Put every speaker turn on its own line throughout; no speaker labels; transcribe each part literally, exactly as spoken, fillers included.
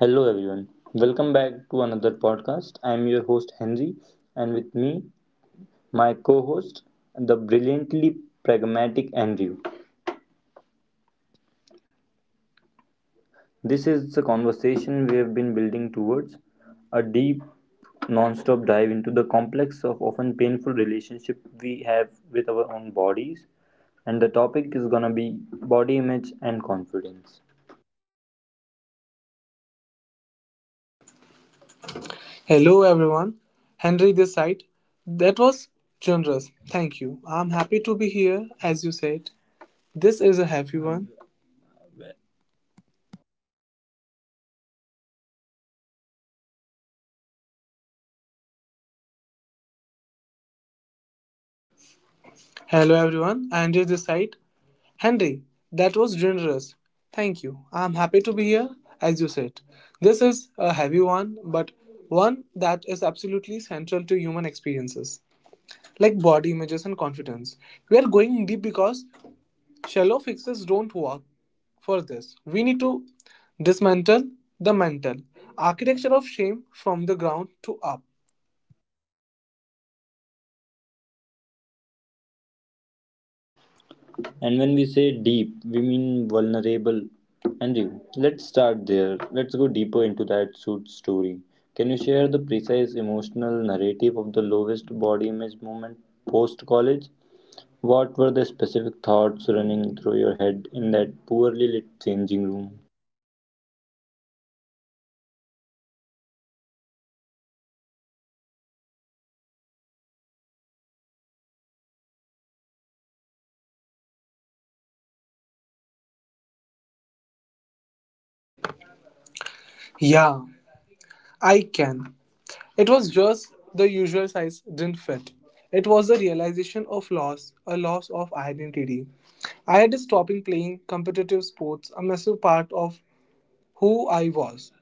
Hello, everyone. Welcome back to another podcast. I'm your host, Henry, and with me, my co host, the brilliantly pragmatic Andrew. This is the conversation we have been building towards a deep, non stop dive into the complex of often painful relationship we have with our own bodies. And the topic is gonna be body image and confidence.
Hello everyone, Henry this side. That was generous. Thank you. I'm happy to be here as you said. This is a happy one. Hello everyone, Andrew this side. Henry, that was generous. Thank you. I'm happy to be here as you said. This is a heavy one, but one that is absolutely central to human experiences, like body images and confidence. We are going deep because shallow fixes don't work for this. We need to dismantle the mental architecture of shame from the ground to up.
And when we say deep, we mean vulnerable. Andrew, let's start there. Let's go deeper into that suit story. Can you share the precise emotional narrative of the lowest body image moment post college? What were the specific thoughts running through your head in that poorly lit changing room?
Yeah, I can. It was just the usual size didn't fit. It was the realization of loss, a loss of identity. I had stopped playing competitive sports, a massive part of who I was.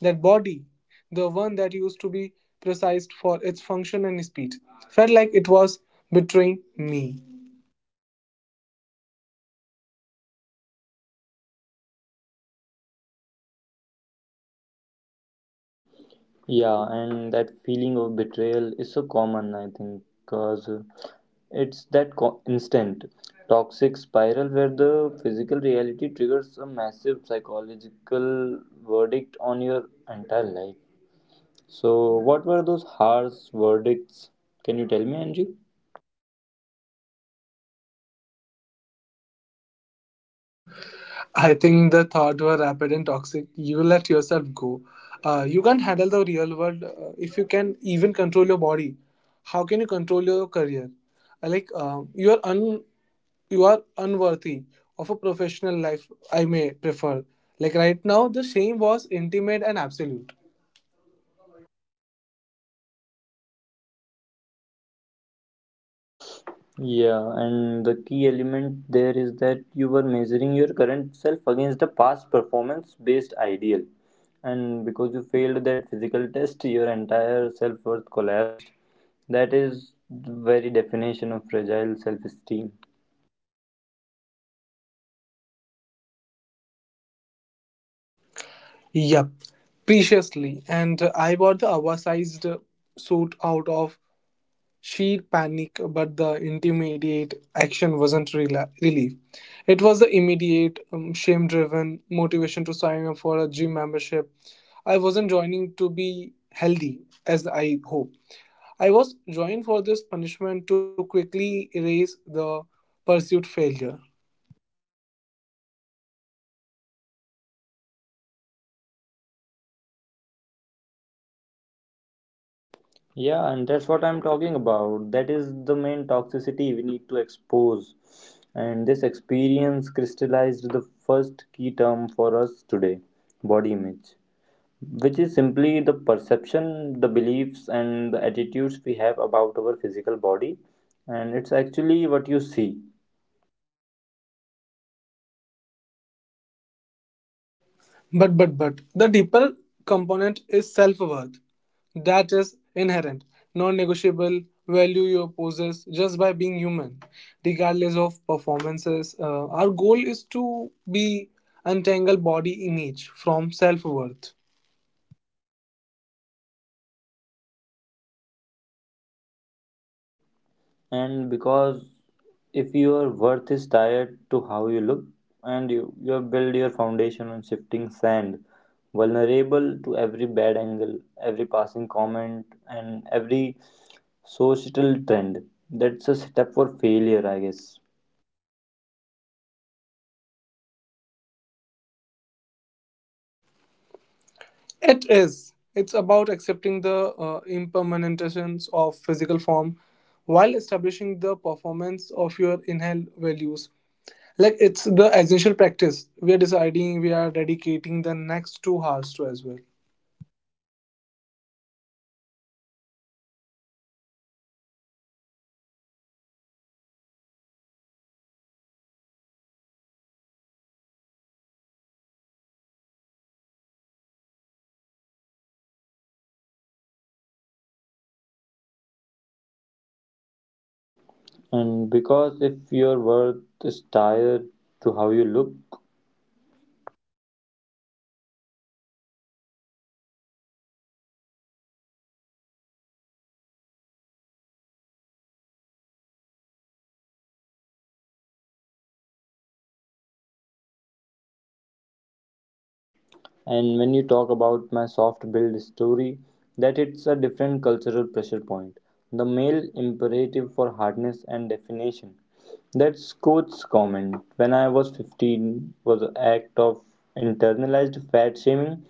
That body, the one that used to be precise for its function and speed, felt like it was betraying me.
Yeah, and that feeling of betrayal is so common, I think, because it's that co- instant toxic spiral where the physical reality triggers a massive psychological verdict on your entire life. So, what were those harsh verdicts? Can you tell me, Angie?
I think the thought were rapid and toxic. You let yourself go. Uh, you can't handle the real world uh, if you can even control your body. How can you control your career? Uh, like um you are un you are unworthy of a professional life. I may prefer. Like right now, the shame was intimate and absolute.
Yeah, and the key element there is that you were measuring your current self against a past performance based ideal. And because you failed that physical test, your entire self worth collapsed. That is the very definition of fragile self esteem.
Yep, preciously. And uh, I bought the oversized uh, suit out of sheer panic, but the intermediate action wasn't rela- relief. It was the immediate, um, shame driven motivation to sign up for a gym membership. I wasn't joining to be healthy, as I hope. I was joined for this punishment to quickly erase the pursued failure.
Yeah, and that's what I'm talking about. That is the main toxicity we need to expose. And this experience crystallized the first key term for us today, body image, which is simply the perception, the beliefs, and the attitudes we have about our physical body. And it's actually what you see.
But, but, but, the deeper component is self worth. That is inherent, non negotiable value you possess just by being human, regardless of performances. Uh, our goal is to be untangle body image from self worth.
And because if your worth is tied to how you look, and you, you have built your foundation on shifting sand, vulnerable to every bad angle, every passing comment, and every societal trend, that's a setup for failure, I guess.
It is. It's about accepting the uh, impermanentations of physical form while establishing the performance of your inhale values, like it's the essential practice we are deciding we are dedicating the next two hours to as well.
And because if your worth is tied to how you look. And when you talk about my soft build story, that it's a different cultural pressure point. The male imperative for hardness and definition. That's Coach's comment when I was fifteen, was an act of internalized fat shaming,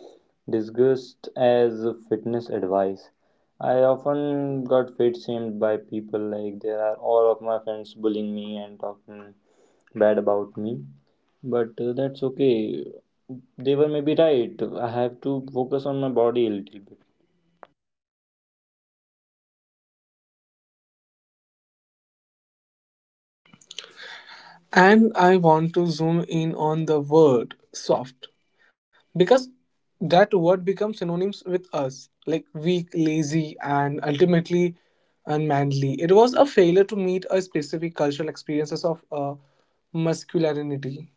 disguised as fitness advice. I often got fat shamed by people, like there are all of my friends bullying me and talking bad about me, but uh, that's okay. They were maybe right. I have to focus on my body a little bit.
And I want to zoom in on the word soft, because that word becomes synonyms with us like weak, lazy, and ultimately unmanly. It was a failure to meet a specific cultural experiences of uh, masculinity.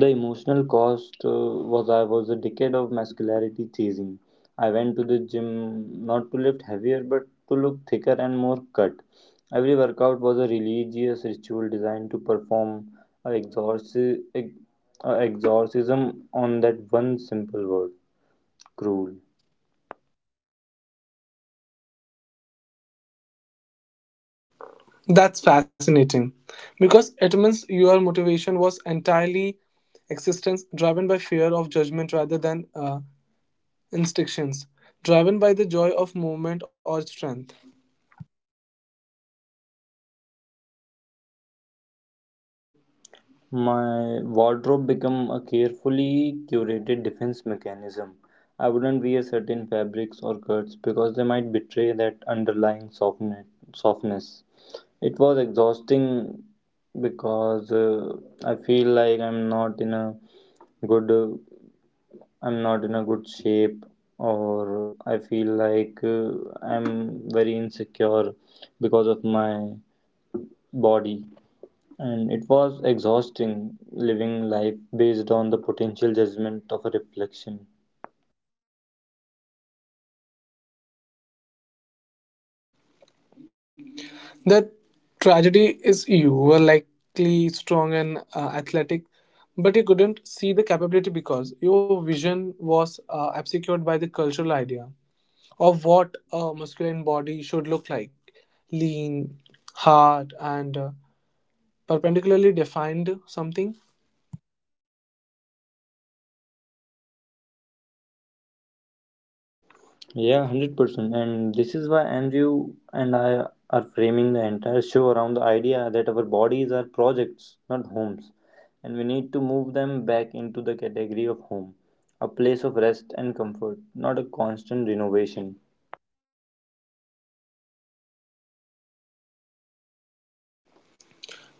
The emotional cost uh, was I was a decade of muscularity chasing. I went to the gym not to lift heavier but to look thicker and more cut. Every workout was a religious ritual designed to perform a exorci- ex- a exorcism on that one simple word, cruel.
That's fascinating, because it means your motivation was entirely existence driven by fear of judgment rather than uh, instincts, driven by the joy of movement or strength.
My wardrobe become a carefully curated defense mechanism. I wouldn't wear certain fabrics or cuts because they might betray that underlying softne- softness. It was exhausting because uh, I feel like I'm not in a good uh, I'm not in a good shape, or I feel like uh, I'm very insecure because of my body. And it was exhausting living life based on the potential judgment of a reflection.
The tragedy is you were likely strong and uh, athletic, but you couldn't see the capability because your vision was uh, obscured by the cultural idea of what a masculine body should look like: lean, hard, and uh, perpendicularly defined something.
Yeah, one hundred percent. And this is why Andrew and I are framing the entire show around the idea that our bodies are projects, not homes. And we need to move them back into the category of home, a place of rest and comfort, not a constant renovation.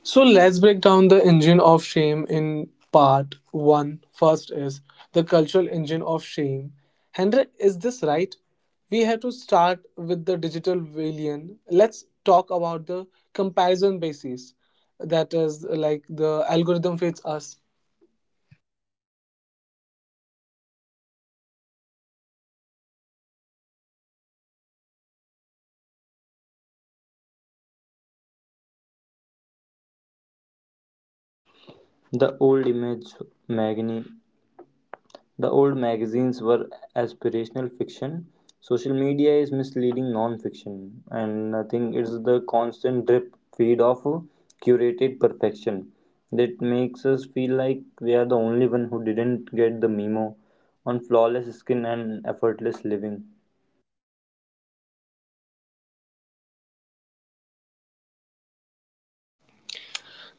So let's break down the engine of shame in part one. First is the cultural engine of shame. Hendrik, is this right? We have to start with the digital villain. Let's talk about the comparison basis. That is like the algorithm fits us.
The old image, Magni, the old magazines were aspirational fiction. Social media is misleading non-fiction, and I think it's the constant drip feed of curated perfection that makes us feel like we are the only one who didn't get the memo on flawless skin and effortless living.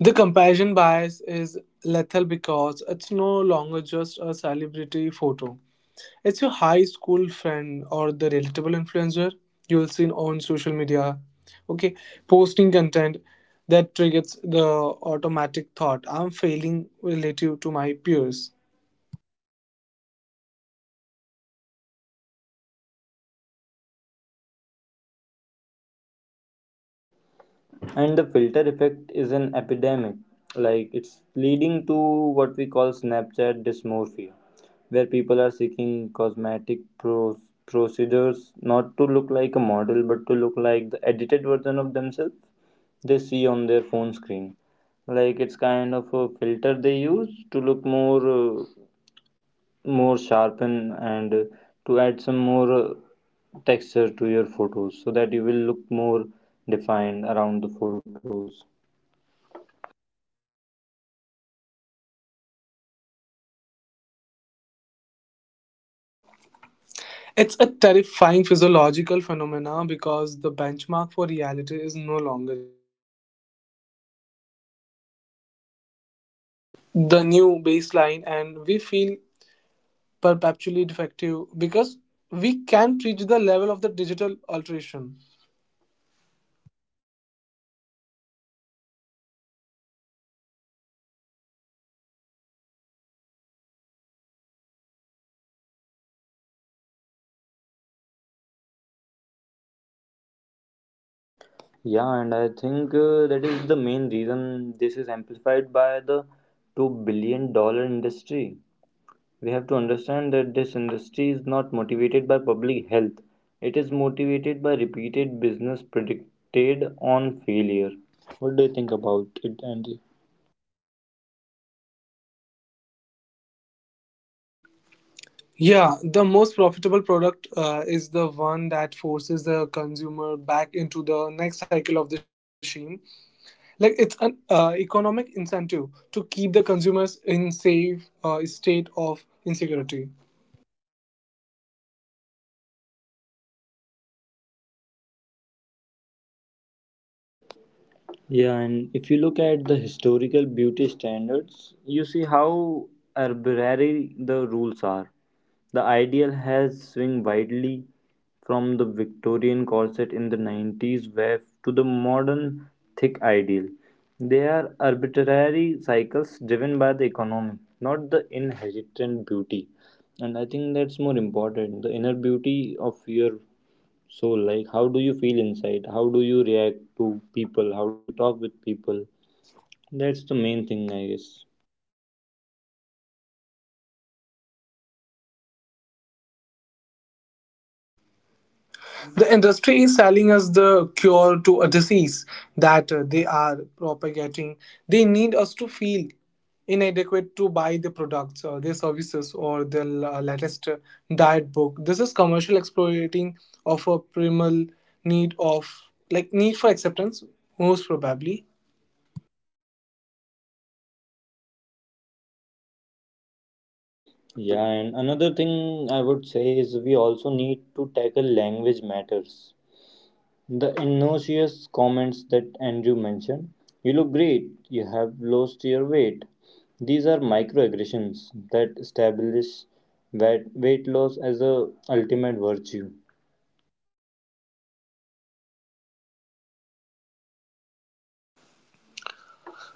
The comparison bias is lethal because it's no longer just a celebrity photo. It's your high school friend or the relatable influencer you'll see on social media. Okay, posting content that triggers the automatic thought I'm failing relative to my peers.
And the filter effect is an epidemic, like it's leading to what we call Snapchat dysmorphia, where people are seeking cosmetic pro- procedures not to look like a model but to look like the edited version of themselves they see on their phone screen. Like, it's kind of a filter they use to look more uh, more sharpen, and uh, to add some more uh, texture to your photos so that you will look more defined around the photos.
It's a terrifying physiological phenomena because the benchmark for reality is no longer the new baseline, and we feel perpetually defective because we can't reach the level of the digital alteration.
Yeah, and I think uh, that is the main reason this is amplified by the two billion dollar industry. We have to understand that this industry is not motivated by public health, it is motivated by repeated business predicted on failure. What do you think about it, Andy?
Yeah, the most profitable product uh, is the one that forces the consumer back into the next cycle of the shame. Like it's an uh, economic incentive to keep the consumers in safe uh, state of insecurity.
Yeah, and if you look at the historical beauty standards, you see how arbitrary the rules are. The ideal has swung widely from the Victorian corset in the nineties wave to the modern thick ideal. They are arbitrary cycles driven by the economy, not the inherent beauty. And I think that's more important, the inner beauty of your, so, like, how do you feel inside? How do you react to people? How do you talk with people? That's the main thing, I guess.
The industry is selling us the cure to a disease that uh, they are propagating. They need us to feel inadequate to buy the products or their services or the la- latest uh, diet book. This is commercial exploiting of a primal need of, like, need for acceptance most probably.
Yeah, and another thing I would say is we also need to tackle language matters. The innocuous comments that Andrew mentioned, you look great, you have lost your weight. These are microaggressions that establish weight weight loss as a ultimate virtue.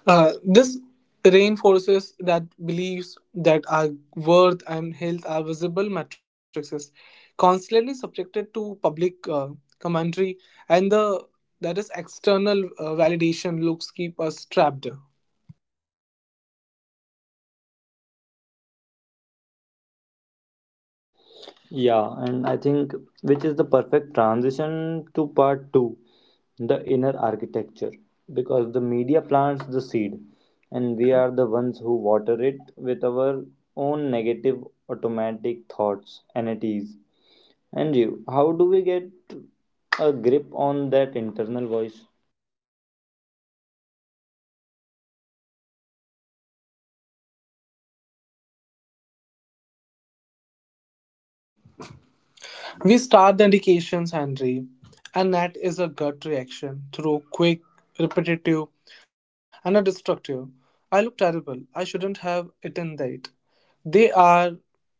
Uh, this reinforces that beliefs that our worth and health are visible matrices, constantly subjected to public uh, commentary, and the that is external uh, validation looks keep us trapped.
Yeah, and I think which is the perfect transition to part two, the inner architecture, because the media plants the seed, and we are the ones who water it with our own negative automatic thoughts, entities. And you, how do we get a grip on that internal voice?
We start the indications, Henry, and that is a gut reaction through quick, repetitive, and a destructive. I look terrible. I shouldn't have eaten that. They are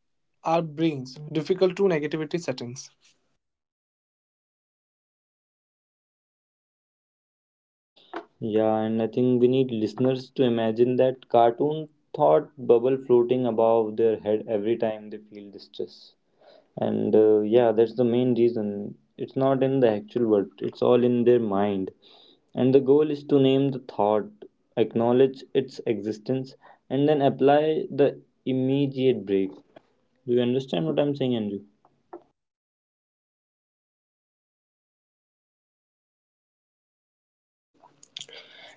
our brains, difficult to negativity settings.
Yeah, and I think we need listeners to imagine that cartoon thought bubble floating above their head every time they feel distress. And uh, yeah, that's the main reason. It's not in the actual world, it's all in their mind. And the goal is to name the thought, acknowledge its existence, and then apply the immediate break. Do you understand what I'm saying, Andrew?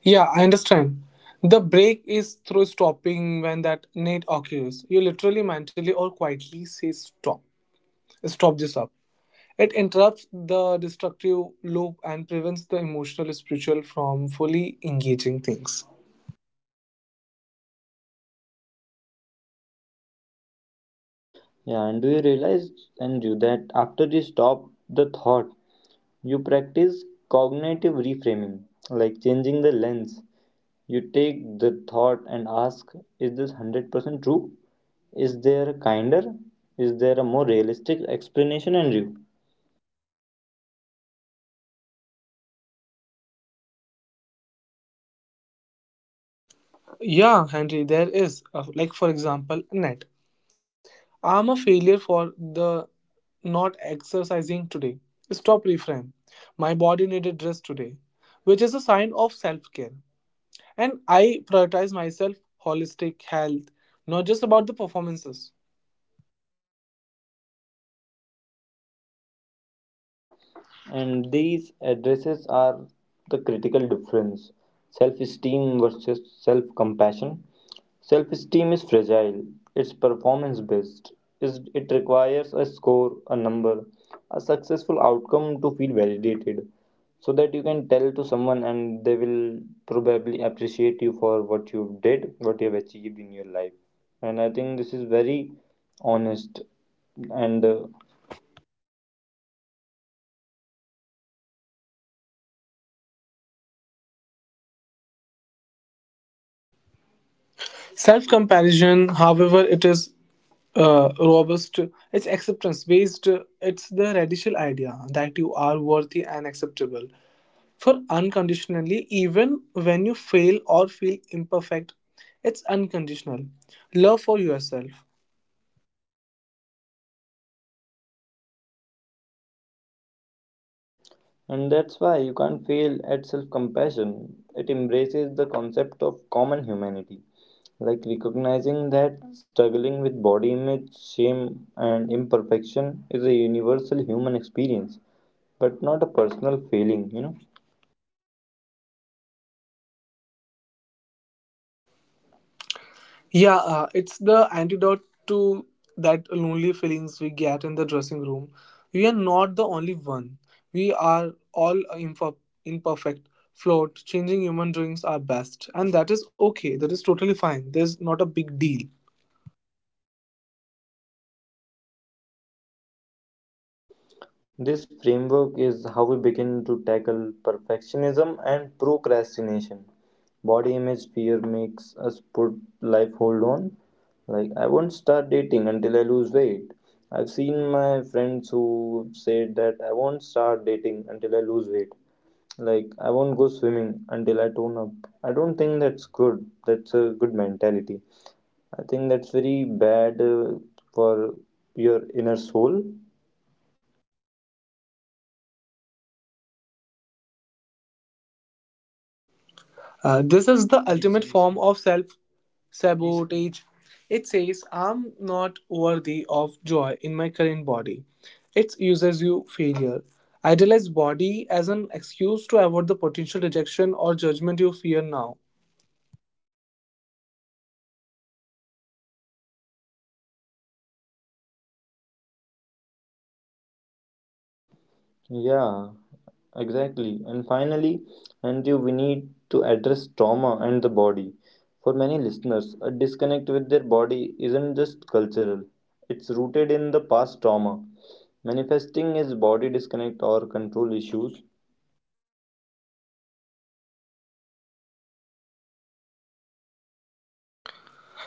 Yeah, I understand. The break is through stopping when that need occurs. You literally, mentally, or quietly say stop. Stop this up. It interrupts the destructive loop and prevents the emotional spiritual from fully engaging things.
Yeah, and do you realize, Andrew, that after you stop the thought you practice cognitive reframing, like changing the lens? You take the thought and ask, is this one hundred percent true? Is there a kinder, is there a more realistic explanation and review?
Yeah, Henry, there is. Uh, like, for example, net. I'm a failure for the not exercising today. Stop reframe. My body needed rest today, which is a sign of self care. And I prioritize myself holistic health, not just about the performances.
And these addresses are the critical difference, self esteem versus self compassion. Self esteem is fragile, it's performance based, Is- it requires a score, a number, a successful outcome to feel validated, so that you can tell to someone and they will probably appreciate you for what you did, what you have achieved in your life. And I think this is very honest and uh,
Self comparison, however, it is uh, robust, it's acceptance based, it's the radical idea that you are worthy and acceptable for unconditionally, even when you fail or feel imperfect. It's unconditional love for yourself.
and that's why you can't fail at self compassion. It embraces the concept of common humanity, like recognizing that struggling with body image, shame, and imperfection is a universal human experience, but not a personal failing, you know.
Yeah, uh, it's the antidote to that lonely feelings we get in the dressing room. We are not the only one. We are all imp- imperfect, flawed, changing human doings our best. And that is okay. That is totally fine. There's not a big deal.
This framework is how we begin to tackle perfectionism and procrastination. Body image fear makes us put life hold on. Like, I won't start dating until I lose weight. I've seen my friends who said that I won't start dating until I lose weight. Like, I won't go swimming until I tone up. I don't think that's good. That's a good mentality. I think that's very bad uh, for your inner soul.
Uh, this is the ultimate form exactly. Of self sabotage. It says, I'm not worthy of joy in my current body. It uses you failure. Idolize body as an excuse to avoid the potential rejection or judgment you fear now.
Yeah, exactly. And finally, and you, we need to address trauma and the body. For many listeners, a disconnect with their body isn't just cultural. It's rooted in the past trauma, manifesting as body disconnect or control issues.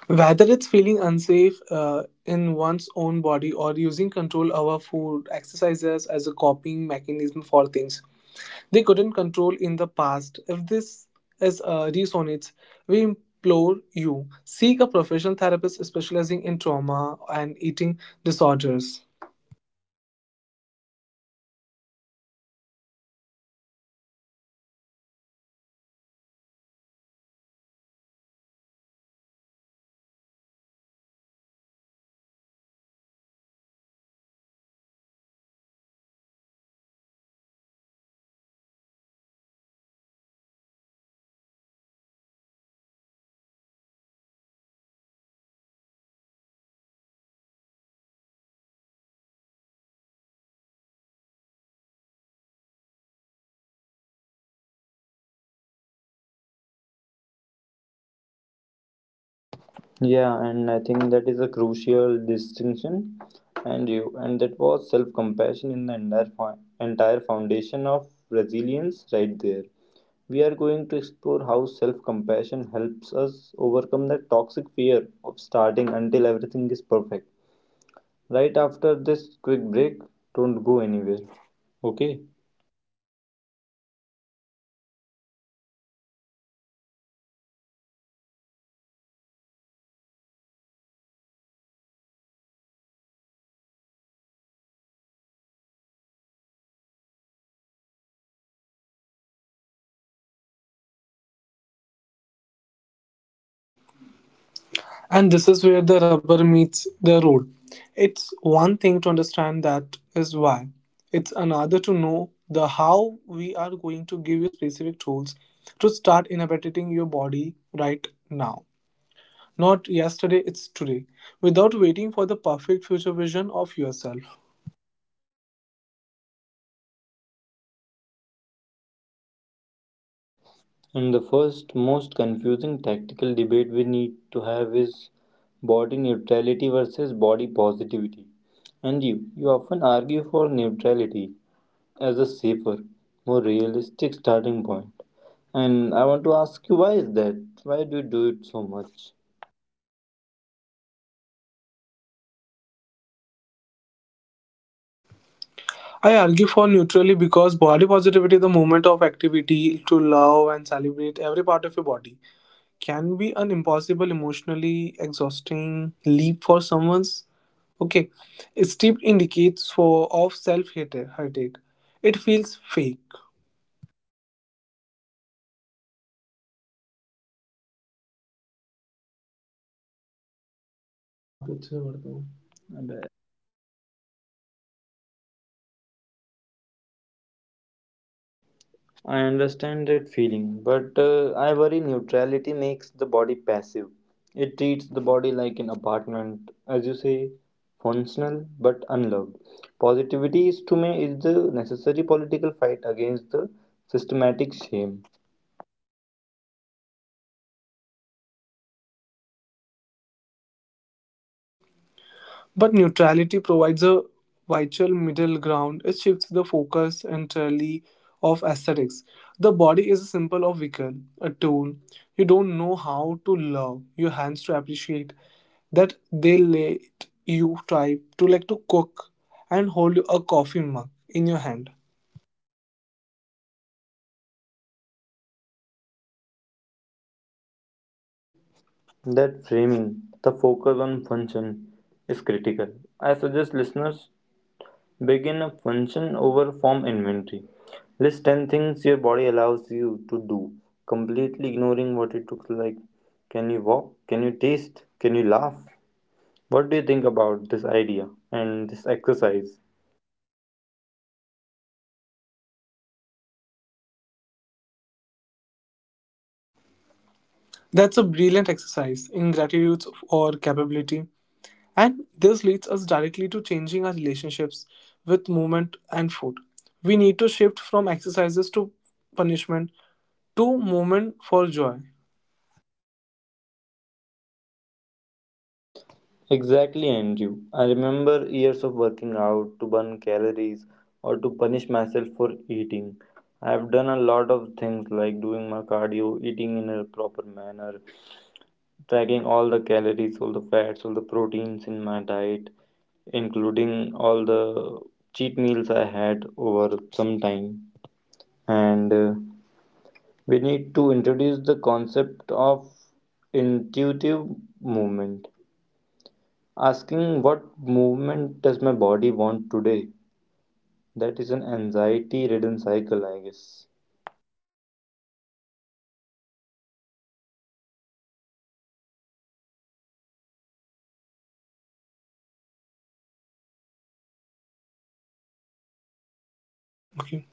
Whether it's feeling unsafe uh, in one's own body or using control over food, exercises as a coping mechanism for things they couldn't control in the past. If this is, uh, resonates, we implore you seek a professional therapist specializing in trauma and eating disorders.
Yeah, and I think that is a crucial distinction. And you, and that was self-compassion in the entire fo- entire foundation of resilience right there. We are going to explore how self compassion helps us overcome that toxic fear of starting until everything is perfect. Right after this quick break, don't go anywhere. Okay,
And this is where the rubber meets the road. It's one thing to understand that is why, it's another to know the how. We are going to give you specific tools to start inhabiting your body right now. Not yesterday, it's today, without waiting for the perfect future vision of yourself.
and the first most confusing tactical debate we need to have is body neutrality versus body positivity. And you, you often argue for neutrality as a safer, more realistic starting point. And I want to ask you, why is that? Why do you do it so much?
I argue for neutrally because body positivity, the movement of activity to love and celebrate every part of your body, can be an impossible, emotionally exhausting leap for someone's. Okay, steep indicates for of self hatred. It feels fake,
I understand that feeling, but uh, I worry neutrality makes the body passive. It treats the body like an apartment, as you say, functional but unloved. Positivity is to me is the necessary political fight against the systematic shame.
but neutrality provides a vital middle ground. It shifts the focus entirely of aesthetics. The body is a symbol of vehicle, a tool. You don't know how to love your hands to appreciate that they let you try to, like, to cook and hold a coffee mug in your hand.
That framing, the focus on function, is critical. I suggest listeners begin a function over form inventory. List ten things your body allows you to do, completely ignoring what it looks like. Can you walk? Can you taste? Can you laugh? What do you think about this idea and this exercise?
That's a brilliant exercise in gratitude or capability. And this leads us directly to changing our relationships with movement and food. We need to shift from exercises to punishment to movement for joy.
Exactly, Andrew. I remember years of working out to burn calories or to punish myself for eating. I have done a lot of things like doing my cardio, eating in a proper manner, tracking all the calories, all the fats, all the proteins in my diet, including all the cheat meals I had over some time. And uh, we need to introduce the concept of intuitive movement. Asking, what movement does my body want today? That is an anxiety ridden cycle, I guess.
Okay.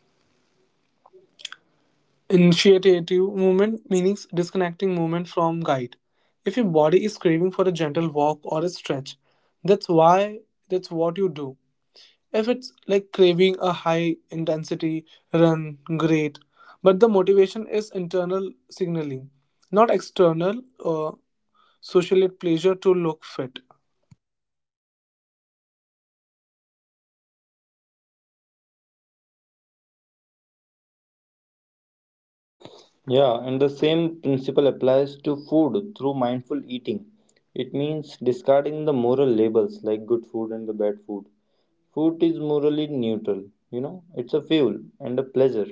Initiative movement means disconnecting movement from guide. If your body is craving for a gentle walk or a stretch, that's why that's what you do. If it's like craving a high intensity run, great. But the motivation is internal signaling, not external or social pleasure to look fit.
Yeah, and the same principle applies to food through mindful eating. It means discarding the moral labels like good food and the bad food. Food is morally neutral, you know, it's a fuel and a pleasure.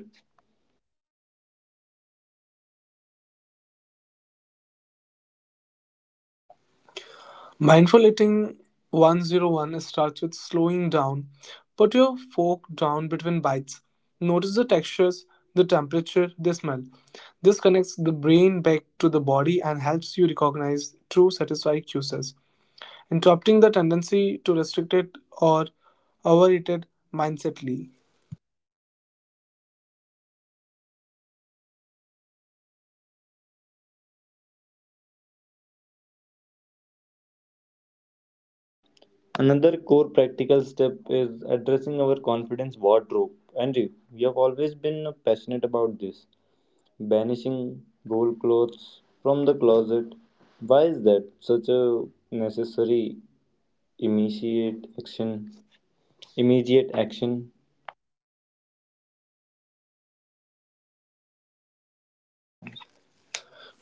Mindful Eating one oh one starts with slowing down. Put your fork down between bites. Notice the textures, the temperature, the smell. This connects the brain back to the body and helps you recognize true satisfying cues, interrupting the tendency to restricted or overeated mindsetly.
Another core practical step is addressing our confidence wardrobe. Andrew, you have always been passionate about this. Banishing gold clothes from the closet. Why is that such a necessary immediate action? Immediate action.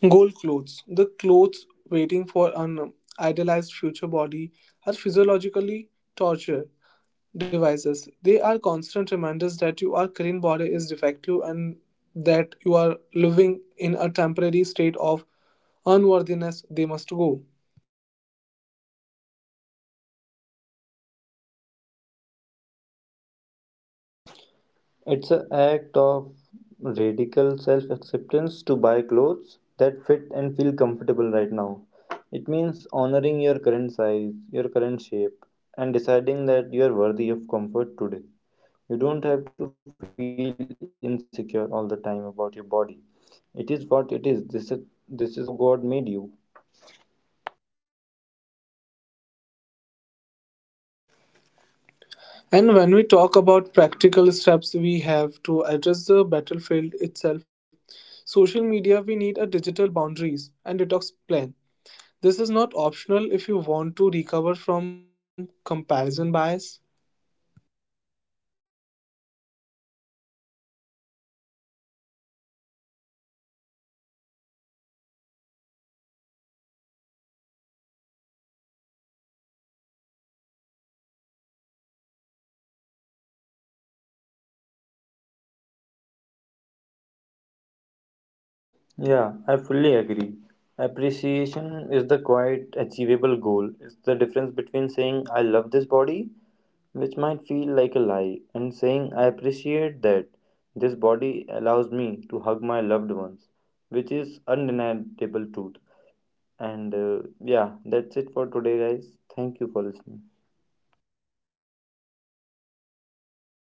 Goal clothes. The clothes waiting for an idealized future body are physiologically torture devices. They are constant reminders that your current body is defective and that you are living in a temporary state of unworthiness. They must go.
It's an act of radical self acceptance to buy clothes that fit and feel comfortable right now. It means honoring your current size, your current shape, and deciding that you are worthy of comfort today. You don't have to feel insecure all the time about your body. It is what it is. This is, this is how God made you.
And when we talk about practical steps, we have to address the battlefield itself, social media. We need a digital boundaries and detox plan. This is not optional if you want to recover from comparison bias.
Yeah, I fully agree. Appreciation is the quite achievable goal. It's the difference between saying, I love this body, which might feel like a lie, and saying, I appreciate that this body allows me to hug my loved ones, which is undeniable truth. And uh, yeah, that's it for today, guys. Thank you for listening.